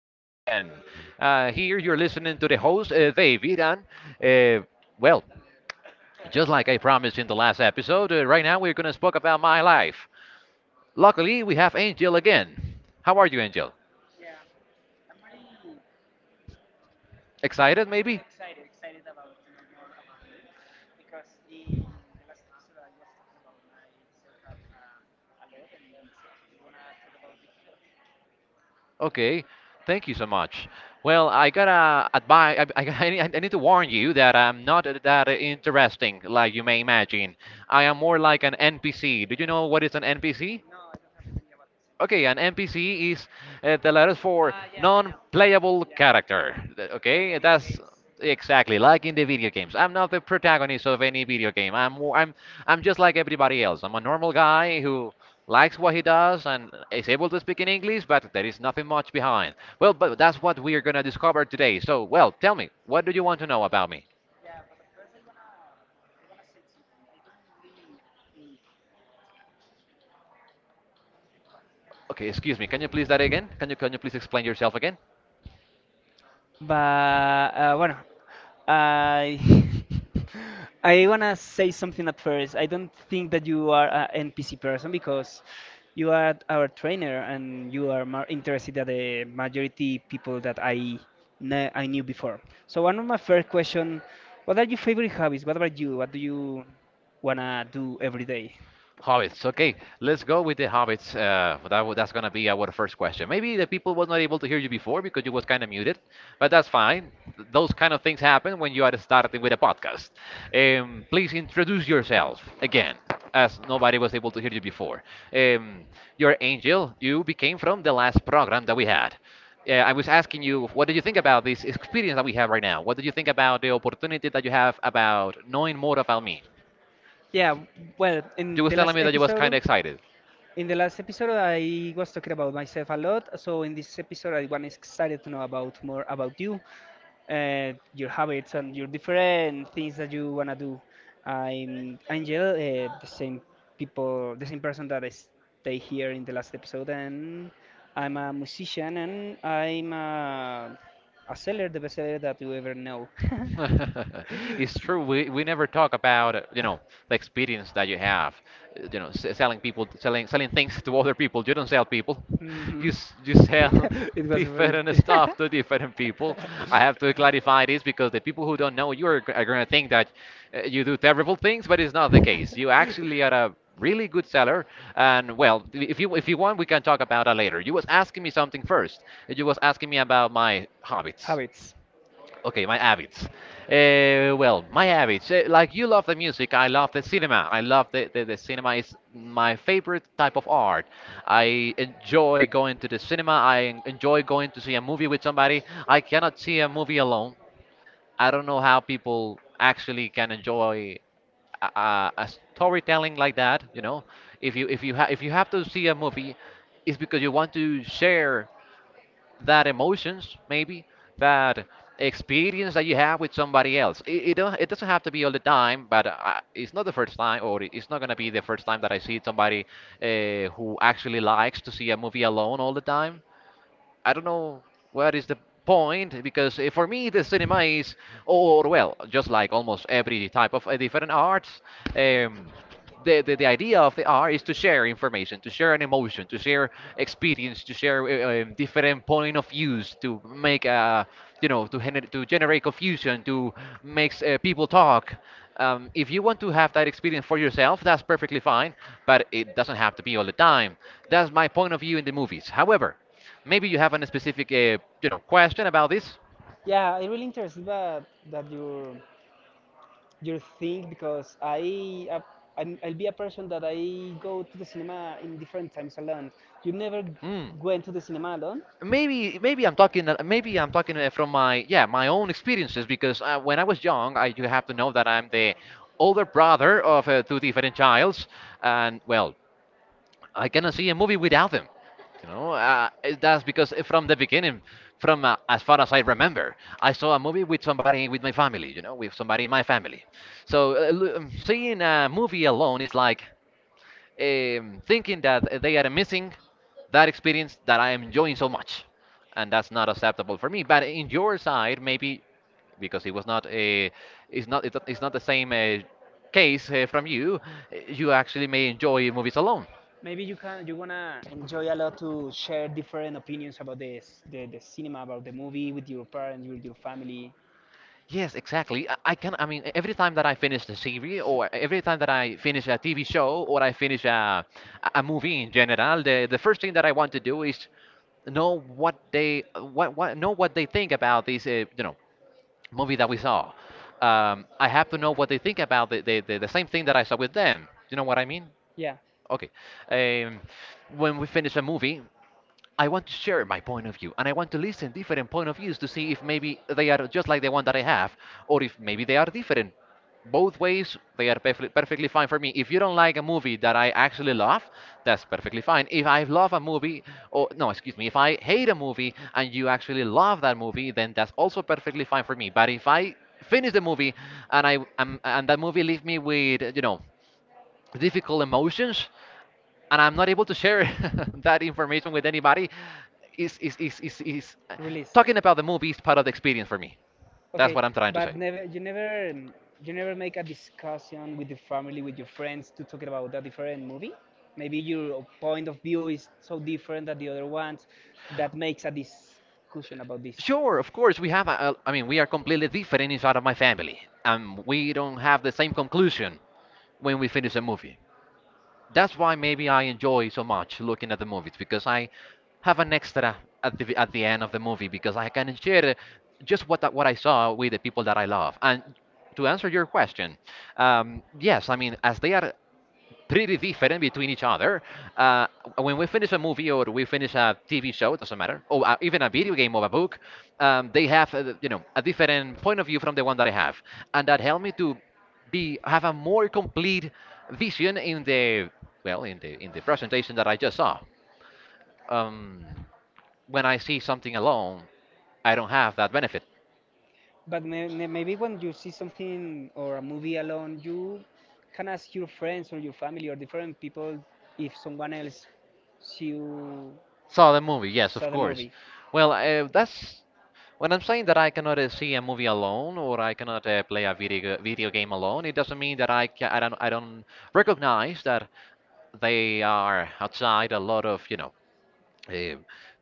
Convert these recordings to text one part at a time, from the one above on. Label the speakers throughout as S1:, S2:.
S1: once again. Here you're listening to the host, David, and uh, well, just like I promised in the last episode, right now we're going to talk about my life. Luckily, we have Angel again. How are you, Angel? Excited, maybe? Okay, thank you so much. Well, I gotta advise. I need to warn you that I'm not that interesting, like you may imagine. I am more like an NPC. Do you know what is an NPC? Okay, an NPC is the letters for non-playable character. Okay, that's exactly, like in the video games. I'm not the protagonist of any video game. I'm I I'm just like everybody else. I'm a normal guy who likes what he does and is able to speak in English, but there is nothing much behind. Well, but that's what we are gonna discover today. So, well, tell me, what do you want to know about me? Okay, excuse me. Can you please that again? Can you please explain yourself again?
S2: But bueno, I I wanna say something at first. I don't think that you are an NPC person because you are our trainer and you are more interested than the majority people that I knew before. So one of my first question, what are your favorite hobbies? What about you? What do you wanna do every day?
S1: Hobbits. Okay, let's go with the hobbits. That's gonna be our first question. Maybe the people was not able to hear you before because you was kind of muted, but that's fine. Those kind of things happen when you are starting with a podcast. Please introduce yourself again, as nobody was able to hear you before. Um, your Angel, you became from the last program that we had. I was asking you, what do you think about this experience that we have right now? What do you think about the opportunity that you have about knowing more about me?
S2: Yeah, well,
S1: You
S2: in
S1: was
S2: the
S1: telling
S2: last
S1: me that you was kind of
S2: episode,
S1: excited.
S2: in the last episode, I was talking about myself a lot. So in this episode, I want excited to know about more about you, your habits and your different things that you wanna do. I'm Angel, the same person that I stay here in the last episode, and I'm a musician and I'm a seller, the best seller that you ever know.
S1: It's true. We never talk about the experience that you have, selling people, selling things to other people. You don't sell people.
S2: Hmm.
S1: You s- you sell
S2: It was real.
S1: different stuff to different people. I have to clarify this because the people who don't know you are gonna think that you do terrible things, but it's not the case. You actually are a really good seller, and well, if you want, we can talk about that later. You was asking me something first. You was asking me about my habits.
S2: Habits.
S1: Okay, my habits. My habits. Like you love the music, I love the cinema. I love the cinema is my favorite type of art. I enjoy going to the cinema. I enjoy going to see a movie with somebody. I cannot see a movie alone. I don't know how people actually can enjoy a storytelling like that. You know, if you have to see a movie, it's because you want to share that emotions, maybe that experience that you have with somebody else. It doesn't have to be all the time, but it's not the first time, or it's not going to be the first time that I see somebody who actually likes to see a movie alone all the time. I don't know what is the point, because for me, the cinema is, or well, just like almost every type of different arts. Um, the, the, the idea of the art is to share information, to share an emotion, to share experience, to share different point of views, to make to generate confusion, to make people talk. If you want to have that experience for yourself, that's perfectly fine, but it doesn't have to be all the time. That's my point of view in the movies. However, maybe you have a specific, question about this.
S2: Yeah, it really interested that your thing because I'll be a person that I go to the cinema in different times alone. You never
S1: Hmm.
S2: went to the cinema alone.
S1: Maybe I'm talking from my own experiences because when I was young, I you have to know that I'm the older brother of two different childs, and well, I cannot see a movie without them. You know, that's because from the beginning, from as far as I remember, I saw a movie with somebody, with my family. You know, with somebody in my family. So seeing a movie alone is like thinking that they are missing that experience that I am enjoying so much, and that's not acceptable for me. But in your side, maybe because it's not the same case from you, you actually may enjoy movies alone.
S2: Maybe you can you wanna enjoy a lot to share different opinions about the cinema, about the movie with your parents, with your family.
S1: Yes, exactly. I can. I mean, every time that I finish the series, or every time that I finish a TV show, or I finish a movie in general, the first thing that I want to do is know what they think about this movie that we saw. I have to know what they think about the same thing that I saw with them. You know what I mean?
S2: Yeah.
S1: Okay. Um, when we finish a movie, I want to share my point of view and I want to listen different point of views to see if maybe they are just like the one that I have, or if maybe they are different. Both ways, they are perfectly, perfectly fine for me. If you don't like a movie that I actually love, that's perfectly fine. If I love a movie, or no, excuse me, if I hate a movie and you actually love that movie, then that's also perfectly fine for me. But if I finish the movie and I am and that movie leave me with difficult emotions, and I'm not able to share that information with anybody, is
S2: Released.
S1: talking about the movie is part of the experience for me. That's
S2: Okay, to
S1: what I'm trying to say.
S2: but do. Never you never you never make a discussion with the family, with your friends, to talk about that different movie. Maybe your point of view is so different than the other ones that makes a discussion about this.
S1: Sure, of course, we have. I mean, we are completely different inside of my family, and we don't have the same conclusion when we finish a movie. That's why maybe I enjoy so much looking at the movies, because I have an extra at the end of the movie, because I can share just what I saw with the people that I love. And to answer your question, yes, I mean, as they are pretty different between each other. Uh, when we finish a movie or we finish a TV show, it doesn't matter, or even a video game or a book, they have a different point of view from the one that I have, and that helped me to be have a more complete vision in the, well, in the presentation that I just saw. Um, when I see something alone, I don't have that benefit.
S2: But maybe when you see something or a movie alone, you can ask your friends or your family or different people if someone else see you
S1: Saw the movie, yes, of
S2: saw the
S1: course.
S2: movie.
S1: Well, that's when I'm saying that I cannot see a movie alone, or I cannot play a video game alone. It doesn't mean that I don't recognize that they are outside a lot of uh,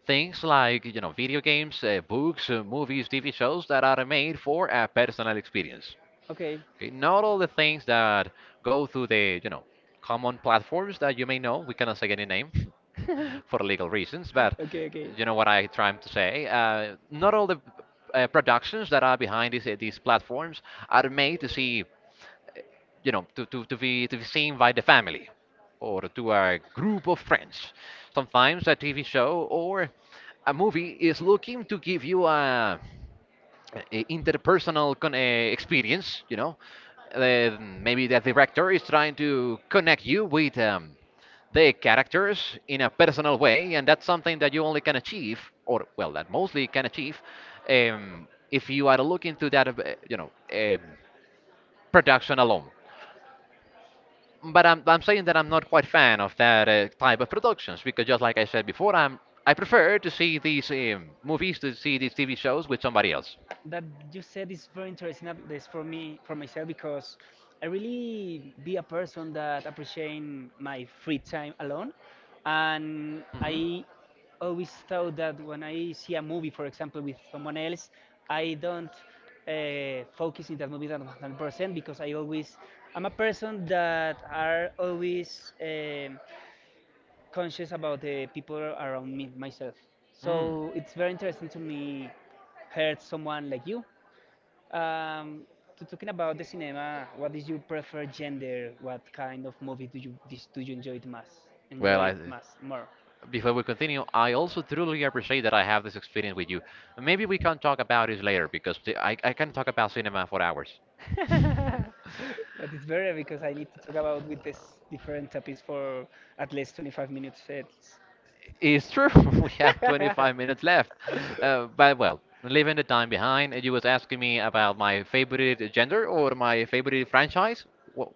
S1: things like video games, books, movies, TV shows that are made for a personal experience.
S2: Okay.
S1: Okay, not all the things that go through the common platforms that you may know. We cannot say any name for legal reasons, but
S2: Okay, okay.
S1: you know what I'm trying to say. Not all the productions that are behind these platforms are made to see you know to be seen by the family or to a group of friends. Sometimes a TV show or a movie is looking to give you a interpersonal experience. Maybe the director is trying to connect you with the characters in a personal way, and that's something that you only can achieve, or well, that mostly can achieve, if you are looking to that, you know, um production alone. But I'm saying that I'm not quite fan of that type of productions because, just like I said before, I prefer to see these movies, to see these TV shows with somebody else. Mhm.
S2: That you said is very interesting, at least for me, for myself, because I really be a person that appreciate my free time alone, and I always thought that when I see a movie, for example, with someone else, I don't focus in that movie that 100% because I'm a person that are always conscious about the people around me myself. So it's very interesting to me
S1: Mm.
S2: heard someone like you, um, to talking about the cinema. What is your preferred gender? What kind of movie do you do you enjoy it most?
S1: Well,
S2: Enjoy it most more.
S1: before we continue, I also truly appreciate that I have this experience with you. Maybe we can talk about it later because I can talk about cinema for hours.
S2: But it's better because I need to talk about with this different topics for at least 25 minutes. It's-
S1: It's true, we have 25 minutes left. But well, leaving the time behind, you was asking me about my favorite gender or my favorite franchise. Wha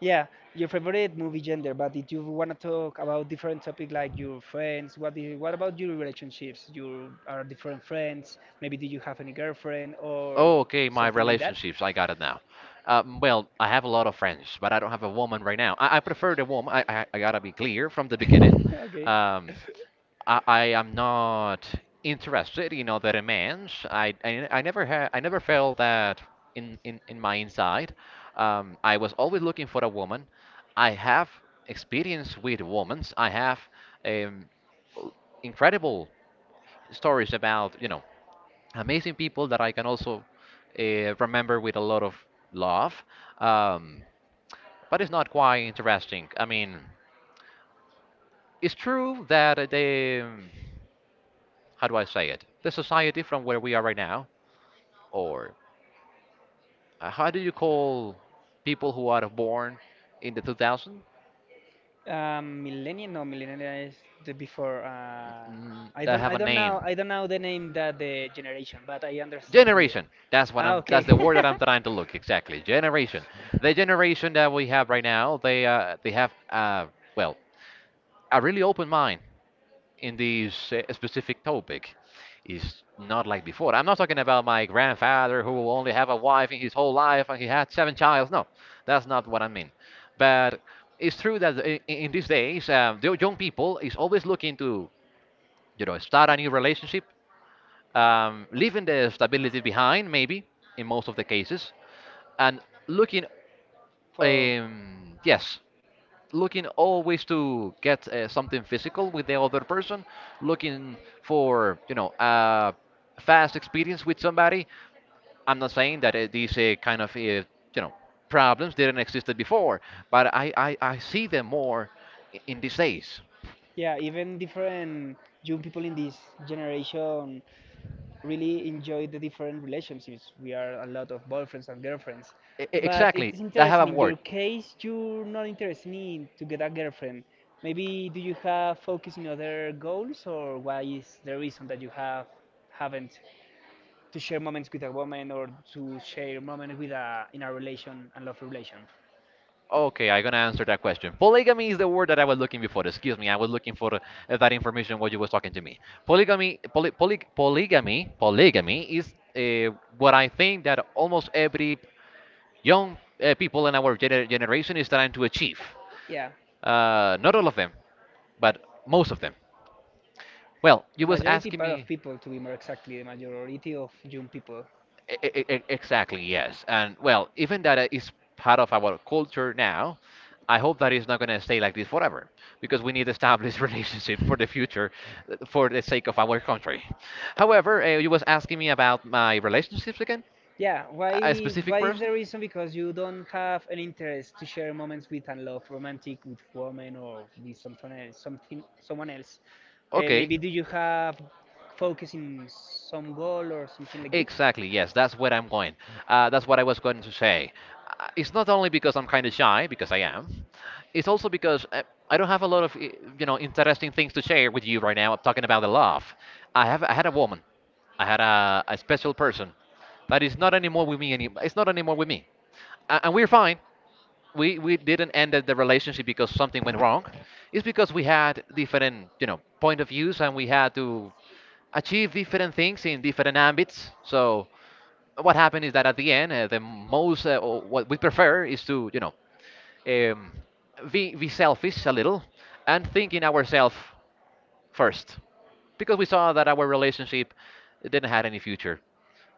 S2: yeah, your favorite movie gender. But if you wanna talk about different topic like your friends, what about your relationships? You are different friends. Maybe do you have any girlfriend
S1: Oh,
S2: or
S1: okay, my
S2: something like that.
S1: relationships. I got it now. Well, I have a lot of friends, but I don't have a woman right now. I prefer the woman. I gotta be clear from the beginning.
S2: Okay.
S1: Um, I am not interested in other demands. I never felt that in my inside. I was always looking for a woman. I have experience with women. I have um, incredible stories about amazing people that I can also remember with a lot of love. Um, but it's not quite interesting. I mean, it's true that the how do I say it? The society from where we are right now, or how do you call people who are born in the 2000?
S2: Millennial? No, millennial is the before. I
S1: That
S2: don't.
S1: have
S2: I
S1: a
S2: don't
S1: name.
S2: know. I don't know the name that the generation, but I understand you.
S1: Generation. That's what
S2: Ah,
S1: I'm. That's
S2: okay.
S1: the word that I'm trying to look exactly. Generation. The generation that we have right now, they have well, a really open mind in this specific topic. Is not like before. I'm not talking about my grandfather who only have a wife in his whole life and he had seven childs. No, that's not what I mean. But it's true that in these days, the young people is always looking to start a new relationship, leaving the stability behind, maybe in most of the cases, and looking
S2: For
S1: um, yes looking always to get something physical with the other person, looking for a fast experience with somebody. I'm not saying that these kind of know problems didn't existed before, but I see them more in these days.
S2: yeah, even different young people in this generation really enjoy the different relationships. We are a lot of boyfriends and girlfriends.
S1: E- e-
S2: But
S1: exactly
S2: it's
S1: I
S2: interesting
S1: have a
S2: in your
S1: word.
S2: case, you're not interested in to get a girlfriend. Maybe do you have focus in other goals, or why is the reason that you haven't to share moments with a woman, or to share moments with a in a relation and love relation?
S1: Okay, I'm gonna answer that question. Polygamy is the word that I was looking before. Excuse me, I was looking for that information while you was talking to me. Polygamy, poly, poly, polygamy, polygamy is what I think that almost every young people in our generation is trying to achieve.
S2: Yeah,
S1: Not all of them, but most of them. Well,
S2: the
S1: you was
S2: majority
S1: asking
S2: part of
S1: me.
S2: people, to be more exactly, the majority of young people.
S1: Exactly, yes. And well, even that is part of our culture now. I hope that it's not going to stay like this forever because we need established relationships for the future, for the sake of our country. However, you was asking me about my relationships again?
S2: Yeah,
S1: A
S2: why
S1: specific
S2: what is
S1: person?
S2: the reason? Because you don't have an interest to share moments with unloved romantic with women, or with something else, something someone else. Maybe
S1: Okay.
S2: do you have focus in some goal or something like this?
S1: Exactly, yes, that's where I'm going. That's what I was going to say. It's not only because I'm kind of shy, because I am. It's also because I don't have a lot of, interesting things to share with you right now. I'm talking about the love. I had a woman. I had a special person that is not anymore with me, it's not anymore with me. And we're fine. We didn't end the relationship because something went wrong. It's because we had different point of views, and we had to achieve different things in different ambits. So what happened is that at the end, the most or what we prefer is to, um, be selfish a little and think in ourselves first, because we saw that our relationship didn't have any future,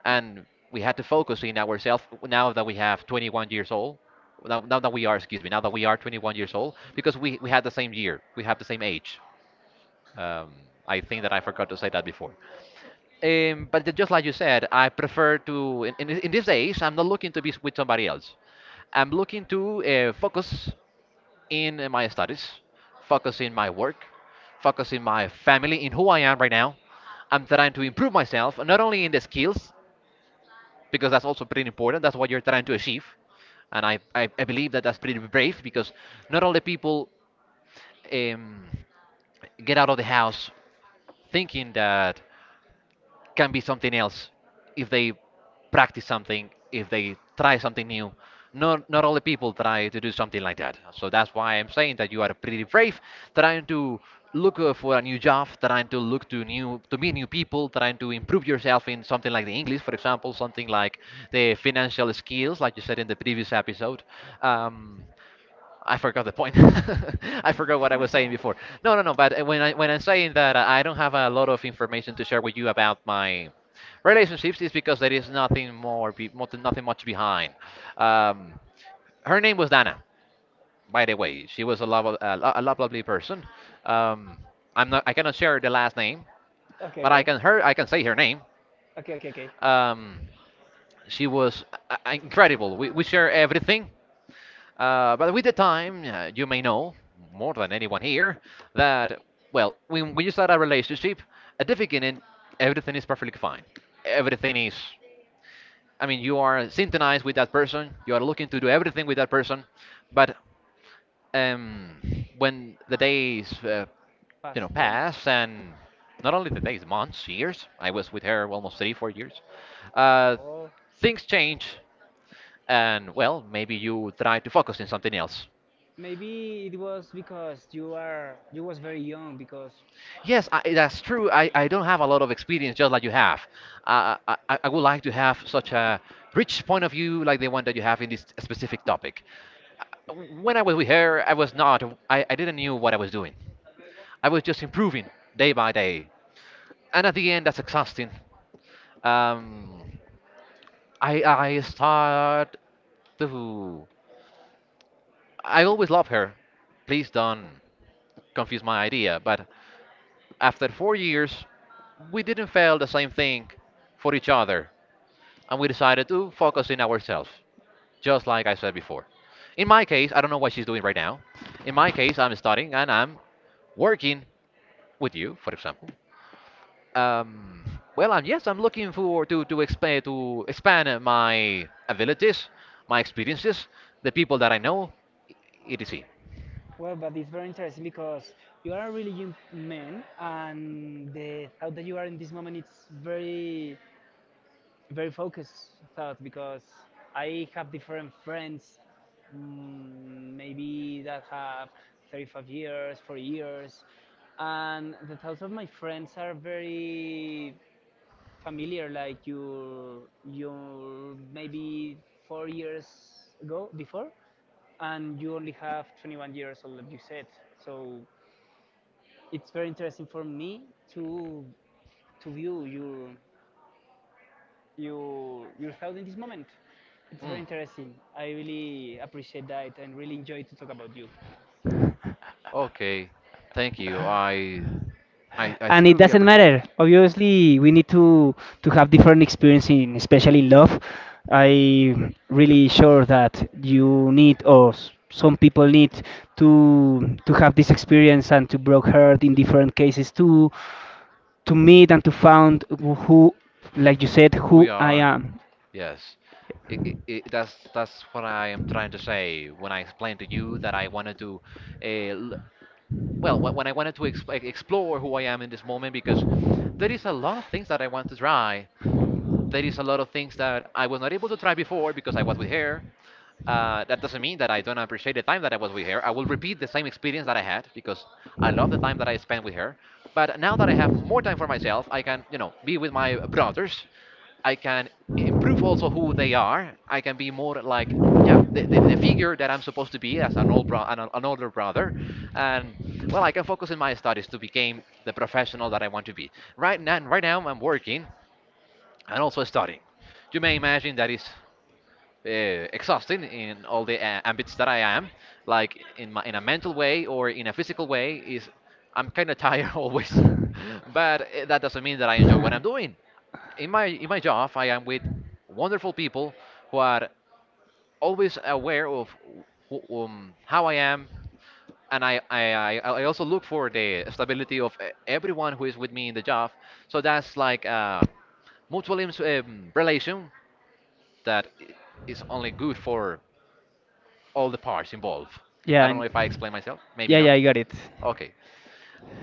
S1: and we had to focus in ourselves now that we have 21 years old. Now, now that we are, excuse me, now that we are 21 years old, because we had the same year, we have the same age. um, I think that I forgot to say that before. But just like you said, I prefer to, in these days, I'm not looking to be with somebody else. I'm looking to focus in my studies, focus in my work, focus in my family, in who I am right now. I'm trying to improve myself, not only in the skills, because that's also pretty important. That's what you're trying to achieve. And I believe that that's pretty brave because not all the people um, get out of the house thinking that can be something else if they practice something, if they try something new. Not all the people try to do something like that. So that's why I'm saying that you are pretty brave, trying to look for a new job, trying to look to new to meet new people, trying to improve yourself in something like the English, for example, something like the financial skills, like you said in the previous episode. Um, I forgot the point. I forgot what I was saying before. No, no, no. But when I'm saying that I don't have a lot of information to share with you about my relationships, is because there is nothing more, nothing much behind. Um, Her name was Dana, by the way. She was a lovely person. Um, I'm not. I cannot share the last name,
S2: Okay,
S1: but I
S2: okay.
S1: can her. I can say her name.
S2: Okay, okay, okay.
S1: Um, she was incredible. We share everything. But with the time, you may know, more than anyone here, that, well, when you start a relationship, at the beginning, everything is perfectly fine. Everything is, I mean, you are synchronized with that person, you are looking to do everything with that person, but um, when the days,
S2: Pass, gone.
S1: pass, and not only the days, months, years. I was with her almost three, 4 years. Uh,
S2: Or
S1: Things change, and well, maybe you try to focus on something else.
S2: maybe it was because you was very young because
S1: Yes, that's true. I don't have a lot of experience just like you have. I would like to have such a rich point of view like the one that you have in this specific topic. Uh, When I was with her, I didn't knew what I was doing. I was just improving day by day. And at the end, that's exhausting. Um I start to I always love her. Please don't confuse my idea, but after 4 years we didn't feel the same thing for each other, and we decided to focus in ourselves just like I said before. In my case, I don't know what she's doing right now. In my case, I'm studying and I'm working with you, for example. Um, well, I'm looking for to expand my abilities, my experiences, the people that I know, e- etc.
S2: well, but it's very interesting because you are a really young man, and the thought that you are in this moment, it's very, very focused thought. Because I have different friends, maybe that have 35 years, 40 years, and the thoughts of my friends are very familiar like you maybe 4 years ago before, and you only have 21 years old, like you said. So it's very interesting for me to view your thought in this moment. It's very
S1: Mm.
S2: interesting. I really appreciate that and really enjoy to talk about you.
S1: Okay, thank you. I
S2: And it
S1: thoroughly
S2: doesn't
S1: appreciate it.
S2: matter, obviously we need to have different experience, in especially in love. I really sure that you need, or some people need to have this experience, and to broke heart in different cases, to meet and to found who, like you said,
S1: Who
S2: who
S1: we
S2: I
S1: are,
S2: am.
S1: yes. It, that's what I am trying to say when I explain to you that I wanted to, uh, l- well, wh- when I wanted to ex- like, explore who I am in this moment, because there is a lot of things that I want to try. There is a lot of things that I was not able to try before because I was with her. That doesn't mean that I don't appreciate the time that I was with her. I will repeat the same experience that I had because I love the time that I spent with her. But now that I have more time for myself, I can be with my brothers. I can improve also who they are. I can be more like, yeah, the figure that I'm supposed to be as an older brother. And well, I can focus in my studies to become the professional that I want to be. Right now, I'm working and also studying. You may imagine that is exhausting in all the ambits that I am, like in a mental way or in a physical way, is I'm kind of tired always. But that doesn't mean that I enjoy what I'm doing. In my job, I am with wonderful people who are always aware of how I am, and I also look for the stability of everyone who is with me in the job. So that's like a mutual relation that is only good for all the parts involved. I
S2: Yeah,
S1: don't know
S2: and,
S1: if I explained myself. Maybe
S2: yeah,
S1: not.
S2: yeah, I got it.
S1: Okay,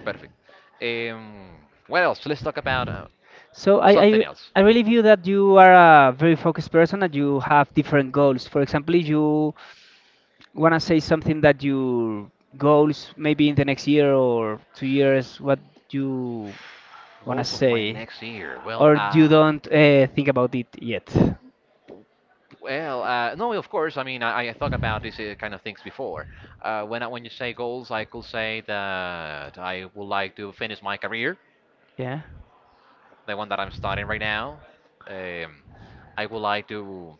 S1: perfect. Um, what else? Let's talk about
S2: So I,
S1: something
S2: I
S1: else.
S2: I really view that you are a very focused person, and you have different goals. For example, if you want to say something that your goals maybe in the next year or 2 years, what you want to
S1: Goals of my
S2: say,
S1: next year. Well,
S2: or you
S1: uh,
S2: don't think about it yet?
S1: well, uh, no, of course. I mean, I thought about these kind of things before. When when you say goals, I could say that I would like to finish my career.
S2: Yeah.
S1: The one that I'm studying right now. Um, I would like to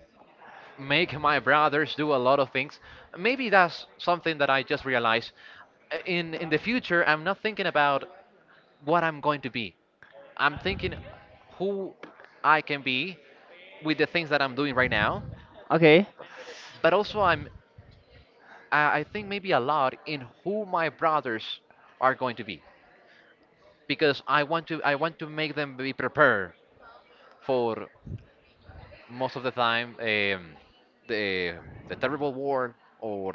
S1: make my brothers do a lot of things. Maybe that's something that I just realized. In the future, I'm not thinking about what I'm going to be. I'm thinking who I can be with the things that I'm doing right now.
S2: Okay.
S1: But also, I think maybe a lot in who my brothers are going to be, because I want to make them be prepared for most of the time, the the terrible war. Or,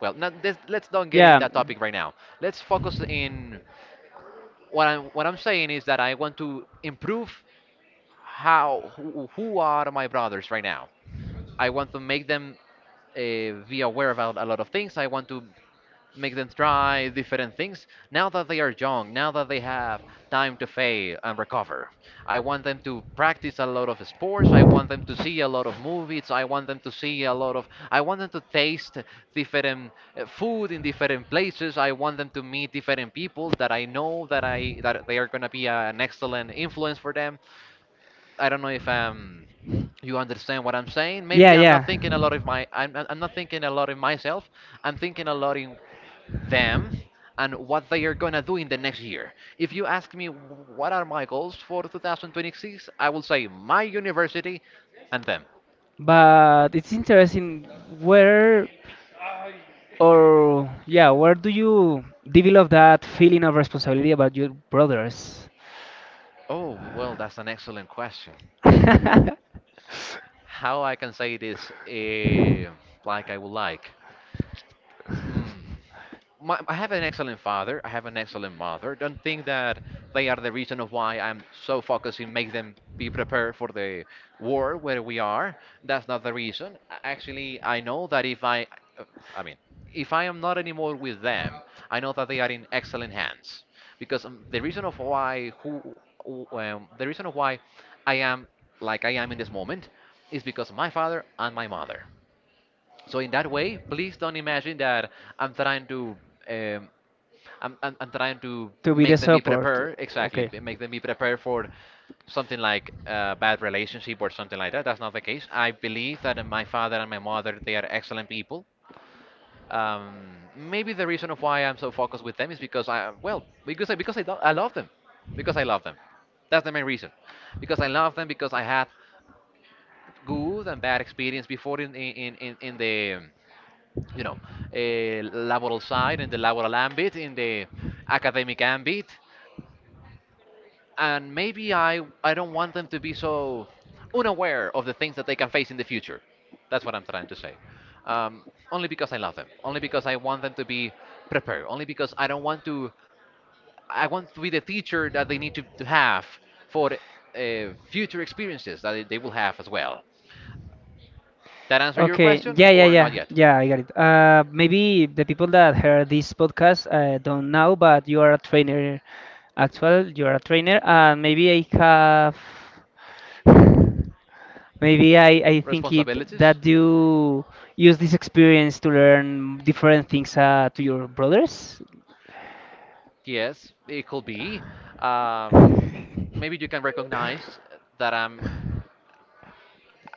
S1: well, not this, let's don't get in
S2: Yeah,
S1: that topic right now. Let's focus in what I'm saying is that I want to improve who are my brothers right now. I want to make them be aware about a lot of things. I want to make them try different things now that they are young, now that they have time to fail and recover. I want them to practice a lot of sports. I want them to see a lot of movies. I want them to see a lot of, I want them to taste different food in different places. I want them to meet different people that I know, that I that they are going to be an excellent influence for them. I don't know if you understand what I'm saying?
S2: yeah,
S1: Maybe
S2: yeah.
S1: I'm not thinking a lot of myself. I'm thinking a lot in them and what they are going to do in the next year. If you ask me what are my goals for 2026, I will say my university and them.
S2: But it's interesting, where, or yeah, where do you develop that feeling of responsibility about your brothers?
S1: Oh, well, that's an excellent question.
S2: To
S1: How I can say this, like I would like? Hmm. I have an excellent father. I have an excellent mother. Don't think that they are the reason of why I'm so focused in make them be prepared for the war where we are. That's not the reason. Actually, I know that if I, uh, I mean, if I am not anymore with them, I know that they are in excellent hands. Because the reason of why I am like I am in this moment is because of my father and my mother. So in that way, please don't imagine that I'm trying to um, I'm trying to
S2: be the
S1: make them be
S2: support?
S1: prepared
S2: Okay.
S1: for something like a bad relationship or something like that. That's not the case. I believe that my father and my mother, they are excellent people. Maybe the reason of why I'm so focused with them is because I well because I, do- I love them. Because I love them, that's the main reason. Because I love them, because I had good and bad experience before in the you know, laboral side, in the laboral ambit, in the academic ambit, and maybe I don't want them to be so unaware of the things that they can face in the future. That's what I'm trying to say. Um, Only because I love them. Only because I want them to be prepared. Only because I don't want to. I want to be the teacher that they need to have for future experiences that they will have as well. That answer your
S2: Okay,
S1: question
S2: yeah, yeah,
S1: or
S2: yeah,
S1: not yet?
S2: yeah, I got it. Maybe the people that heard this podcast don't know, but you are a trainer. Actual, you are a trainer, and maybe I have, maybe I think it
S1: Responsibilities.
S2: that you use this experience to learn different things to your brothers.
S1: Yes, it could be. Um, Maybe you can recognize that I'm,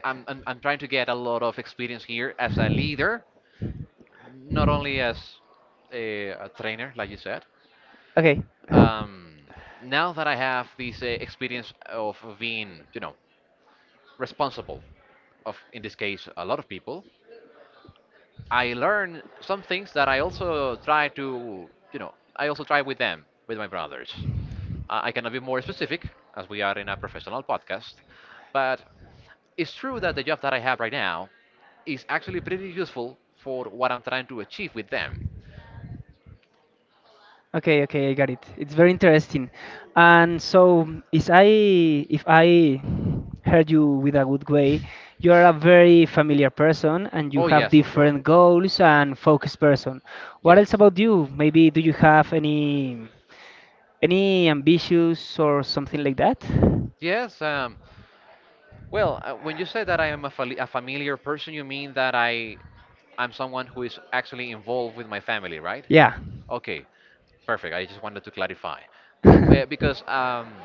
S1: I'm, I'm, I'm trying to get a lot of experience here as a leader, not only as a trainer, like you said.
S2: Okay.
S1: Um, Now that I have this experience of being, responsible of, in this case, a lot of people, I learn some things that I also try with them, with my brothers. I cannot be more specific, as we are in a professional podcast, but it's true that the job that I have right now is actually pretty useful for what I'm trying to achieve with them.
S2: Okay, okay, I got it. It's very interesting. And so, is I if I heard you with a good way, you are a very familiar person, and you
S1: Oh
S2: have, yeah,
S1: yes, for sure.
S2: different goals, and focused person. What else
S1: Yes.
S2: about you? Maybe do you have any ambitions or something like that? Well,
S1: Yes. Well, when you say that I am a familiar person, you mean that I'm someone who is actually involved with my family, right?
S2: yeah.
S1: Okay, perfect. I just wanted to clarify. Yeah, because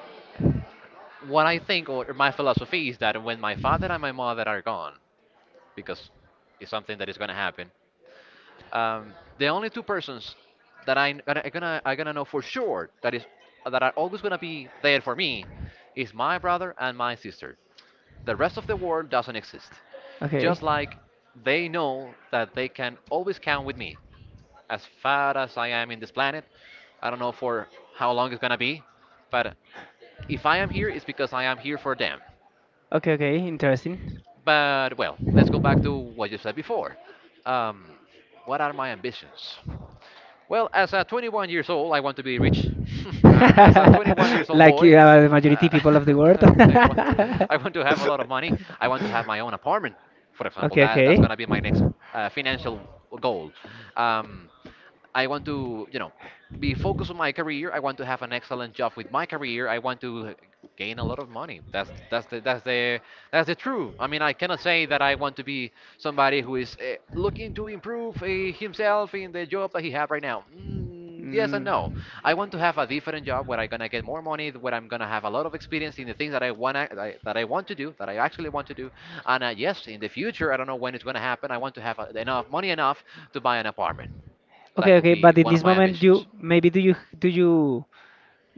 S1: what I think or my philosophy is that when my father and my mother are gone, because it's something that is going to happen, the only two persons that I gonna know for sure that are always gonna be there for me is my brother and my sister. The rest of the world doesn't exist. Just like they know that they can always count with me. As far as I am in this planet, I don't know for how long it's gonna be, but if I am here, it's because I am here for them.
S2: Okay, okay, interesting.
S1: But well, let's go back to what you said before. Um, what are my ambitions? Well, as a 21 years old, I want to be rich. As a 21 years old
S2: Like
S1: boy,
S2: the majority people of the world. I want
S1: I want I want to
S2: to
S1: have a
S2: have a
S1: lot of money. I want to have my own apartment, for example. That's gonna be my next financial goal. Um, I want to, be focused on my career. I want to have an excellent job with my career. I want to gain a lot of money. That's the true. I mean, I cannot say that I want to be somebody who is looking to improve himself in the job that he have right now. Mm, yes and no. I want to have a different job where I'm gonna get more money, where I'm gonna have a lot of experience in the things that I want to do, that I actually want to do. And yes, in the future, I don't know when it's gonna happen. I want to have enough money enough to buy an apartment. That
S2: okay,
S1: could
S2: okay,
S1: be
S2: but in
S1: one
S2: this
S1: of my
S2: moment,
S1: ambitions.
S2: you maybe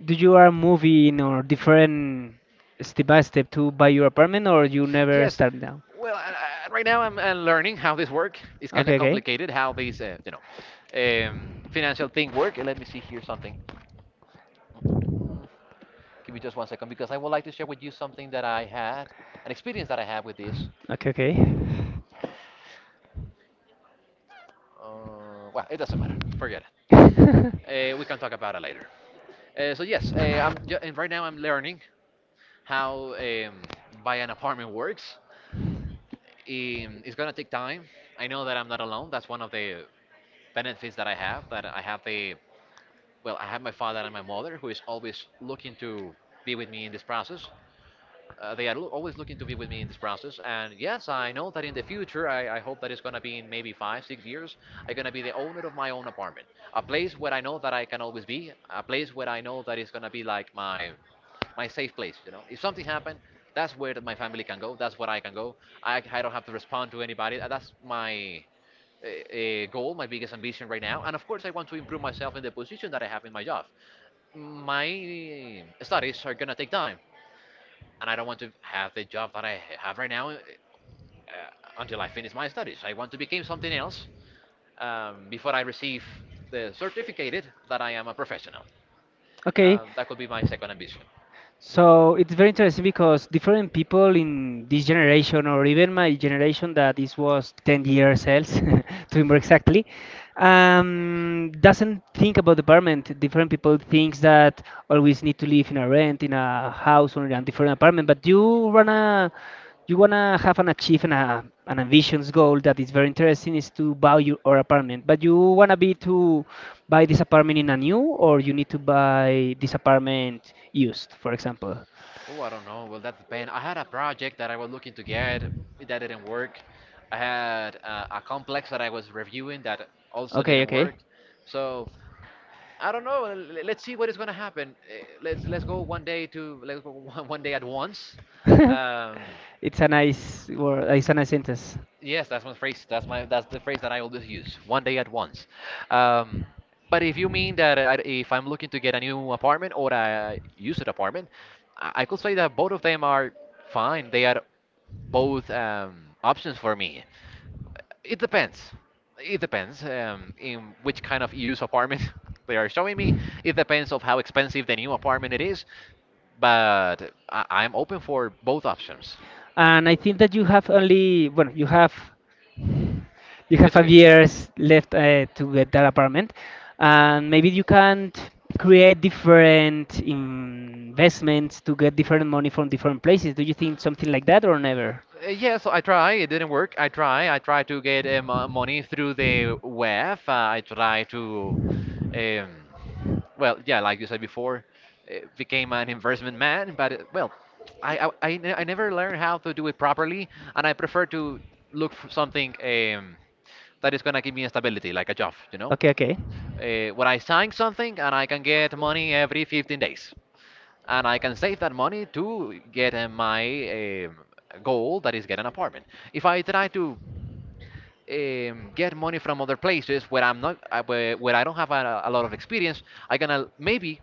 S2: do you are moving or different step by step to buy your apartment, or you never
S1: Yes.
S2: start down?
S1: Well, right now I'm, I learning how this work. It's kind
S2: Okay,
S1: of
S2: okay,
S1: complicated how these, financial thing work. Let me see here something. Mm, Give me just one second because I would like to share with you something an experience that I had with this.
S2: okay,
S1: Well, it doesn't matter. Forget it.
S2: okay.
S1: We can talk about it later. So yes, and right now I'm learning how buy an apartment works. It's gonna take time. I know that I'm not alone. That's one of the benefits that I have. That I have the Well, I have my father and my mother who is always looking to be with me in this process. Always looking to be with me in this process. And yes, I know that in the future, I hope that it's going to be in maybe 5, 6 years, I'm going to be the owner of my own apartment. A place where I know that I can always be, a place where I know that it's going to be like my safe place. You know, if something happened, that's where that my family can go. That's where I can go. I don't have to respond to anybody. That's my goal, my biggest ambition right now. And of course, I want to improve myself in the position that I have in my job. My studies are gonna take time, and I don't want to have the job that I have right now until I finish my studies. I want to become something else before I receive the certificate that I am a professional.
S2: Okay.
S1: That could be my second ambition.
S2: So it's very interesting because different people in this generation, or even my generation that this was 10 years else, to be more exactly, doesn't think about the apartment. Different people thinks that always need to live in a rent, in a house, or in a different apartment. But you run a you wanna have an achieve and an ambitious goal that is very interesting, is to buy your or apartment. But you wanna be to buy this apartment in a new, or you need to buy this apartment used, for example.
S1: Oh, I don't know. Well, that depends. I had a project that I was looking to get that didn't work. I had a complex that I was reviewing that also
S2: Okay,
S1: didn't
S2: okay.
S1: work. So I don't know. Let's see what is going to happen. Let's go one day at once. Um,
S2: It's a nice word. It's a nice sentence.
S1: Yes, that's my phrase. That's the phrase that I always use. One day at once. Um, but if you mean if I'm looking to get a new apartment or a used apartment, I could say that both of them are fine. They are both options for me. It depends. It depends in which kind of used apartment they are showing me. It depends of how expensive the new apartment it is. But I'm open for both options.
S2: And I think that you have only, well, you have
S1: It's
S2: five
S1: okay.
S2: years left to get that apartment. And maybe you can create different investments to get different money from different places. Do you think something like that or never?
S1: Yeah, so I try. It didn't work. I try. I try to get money through the web. I try to, um, well, yeah, like you said before, became an investment man. But well, I never learned how to do it properly, and I prefer to look for something that is gonna give me stability, like a job.
S2: Okay, okay.
S1: Where I sign something and I can get money every 15 days. And I can save that money to get my goal that is get an apartment. If I try to get money from other places where I'm not, where I don't have a lot of experience, I gonna maybe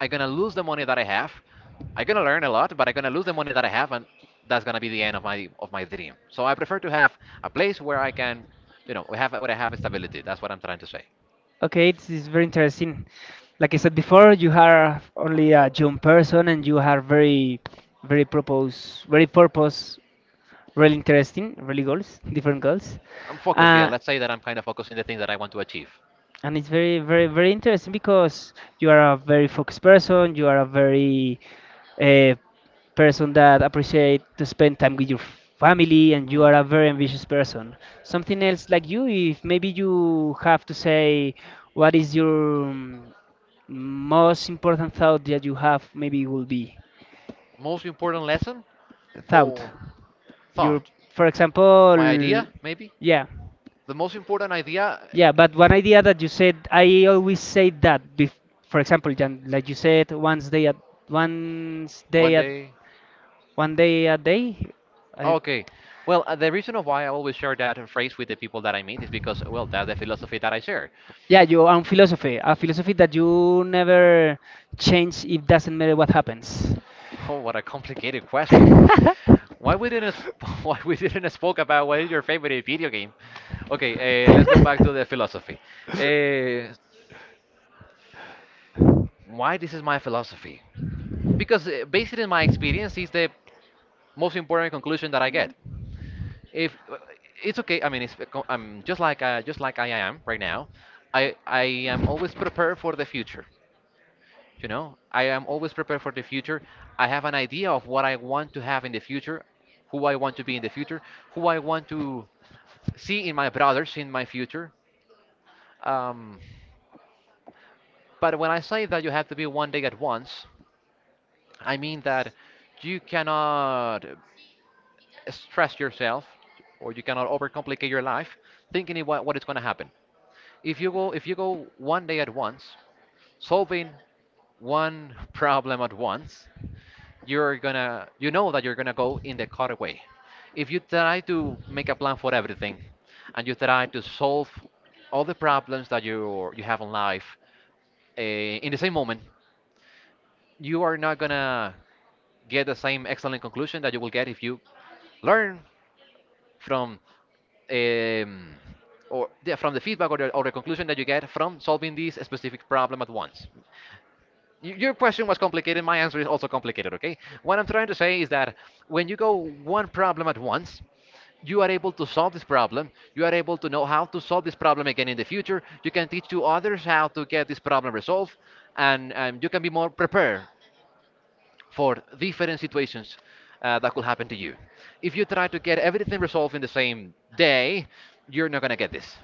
S1: I'm gonna lose the money that I have. I'm gonna learn a lot, but I'm gonna lose the money that I have, and that's gonna be the end of my dream. So I prefer to have a place where I can have where I have stability. That's what I'm trying to say.
S2: Okay, it's very interesting. Like I said before, you are only a young person, and you are very, very purpose, really interesting, really goals, different goals.
S1: I'm focused. Yeah,
S2: Uh,
S1: let's say that I'm kind of focusing the things that I want to achieve.
S2: and it's very, very, very interesting because you are a very focused person. You are a person that appreciate to spend time with your family, and you
S1: Hmm.
S2: are a very ambitious person. Something else like you, if maybe you have to say what is your, most important thought that you have, maybe will be
S1: Most important lesson
S2: thought,
S1: or
S2: your,
S1: thought?
S2: for
S1: My
S2: example.
S1: idea, maybe?
S2: Yeah,
S1: The most important idea.
S2: yeah,
S1: Yeah.
S2: but one idea that you said, I always say that for example, Jan, like you said, once day at one day a day, I,
S1: Okay. Well, the reason of why I always share that phrase with the people that I meet is because, well, that's the philosophy that I share.
S2: yeah, your own philosophy, a philosophy that you never change. It doesn't matter what happens.
S1: Oh, what a complicated question. Why we didn't sp- Why we didn't spoke about what is your favorite video game? Okay, let's go back to the philosophy. Uh, why this is my philosophy? Because based on my experience is the most important conclusion that I get. If it's okay, I mean, I'm just like I am right now. I am always prepared for the future. I am always prepared for the future. I have an idea of what I want to have in the future, who I want to be in the future, who I want to see in my brothers in my future. Um, but when I say that you have to be one day at once, I mean that you cannot stress yourself or you cannot overcomplicate your life thinking in what is going to happen if you go one day at once, solving one problem at once. You know that you're gonna go in the correct way if you try to make a plan for everything and you try to solve all the problems that you have in life in the same moment. You are not gonna get the same excellent conclusion that you will get if you learn from um, or yeah, from the feedback or the conclusion that you get from solving this specific problem at once. Your question was complicated. My answer is also complicated. Okay. What I'm trying to say is that when you go one problem at once, you are able to solve this problem. You are able to know how to solve this problem again in the future. You can teach to others how to get this problem resolved, and you can be more prepared for different situations that could happen to you. If you try to get everything resolved in the same day, you're not gonna get this.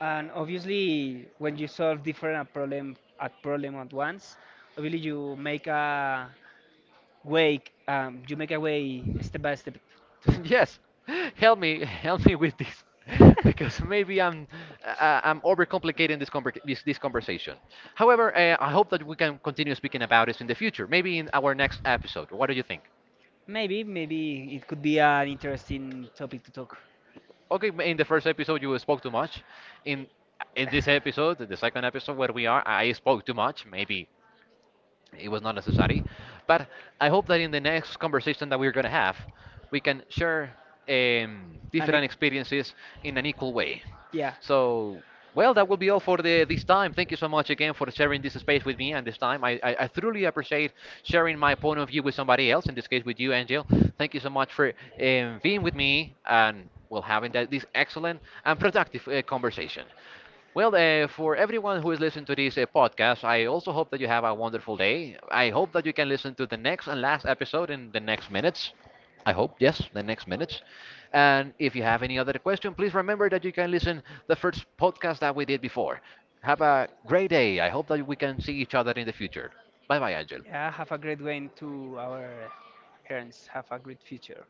S2: And obviously, when you solve different problem at once, obviously you make a way. You make a way step by step too.
S1: Yes, help me, help me with this, because maybe I'm uh, uh, I'm overcomplicating this conversation. However, I hope that we can continue speaking about this in the future, maybe in our next episode. What do you think?
S2: Maybe, it could be an interesting topic to talk.
S1: Okay, in the first episode you spoke too much. In in this episode, the second episode where we are, I spoke too much. Maybe it was not necessary. But I hope that in the next conversation that we're going to have, we can share
S2: An
S1: different
S2: ex-
S1: experiences in an equal way.
S2: yeah.
S1: So, well, that will be all for this time. Thank you so much again for sharing this space with me and this time. I truly appreciate sharing my point of view with somebody else, in this case with you, Angel. Thank you so much for being with me and well, having this excellent and productive conversation. Well, for everyone who is listening to this podcast, I also hope that you have a wonderful day. I hope that you can listen to the next and last episode in the next minutes. I hope, yes, the next minutes. And if you have any other question, please remember that you can listen the first podcast that we did before. Have a great day. I hope that we can see each other in the future. Bye bye, Angel.
S2: Yeah, have a great way to our parents. Have a great future.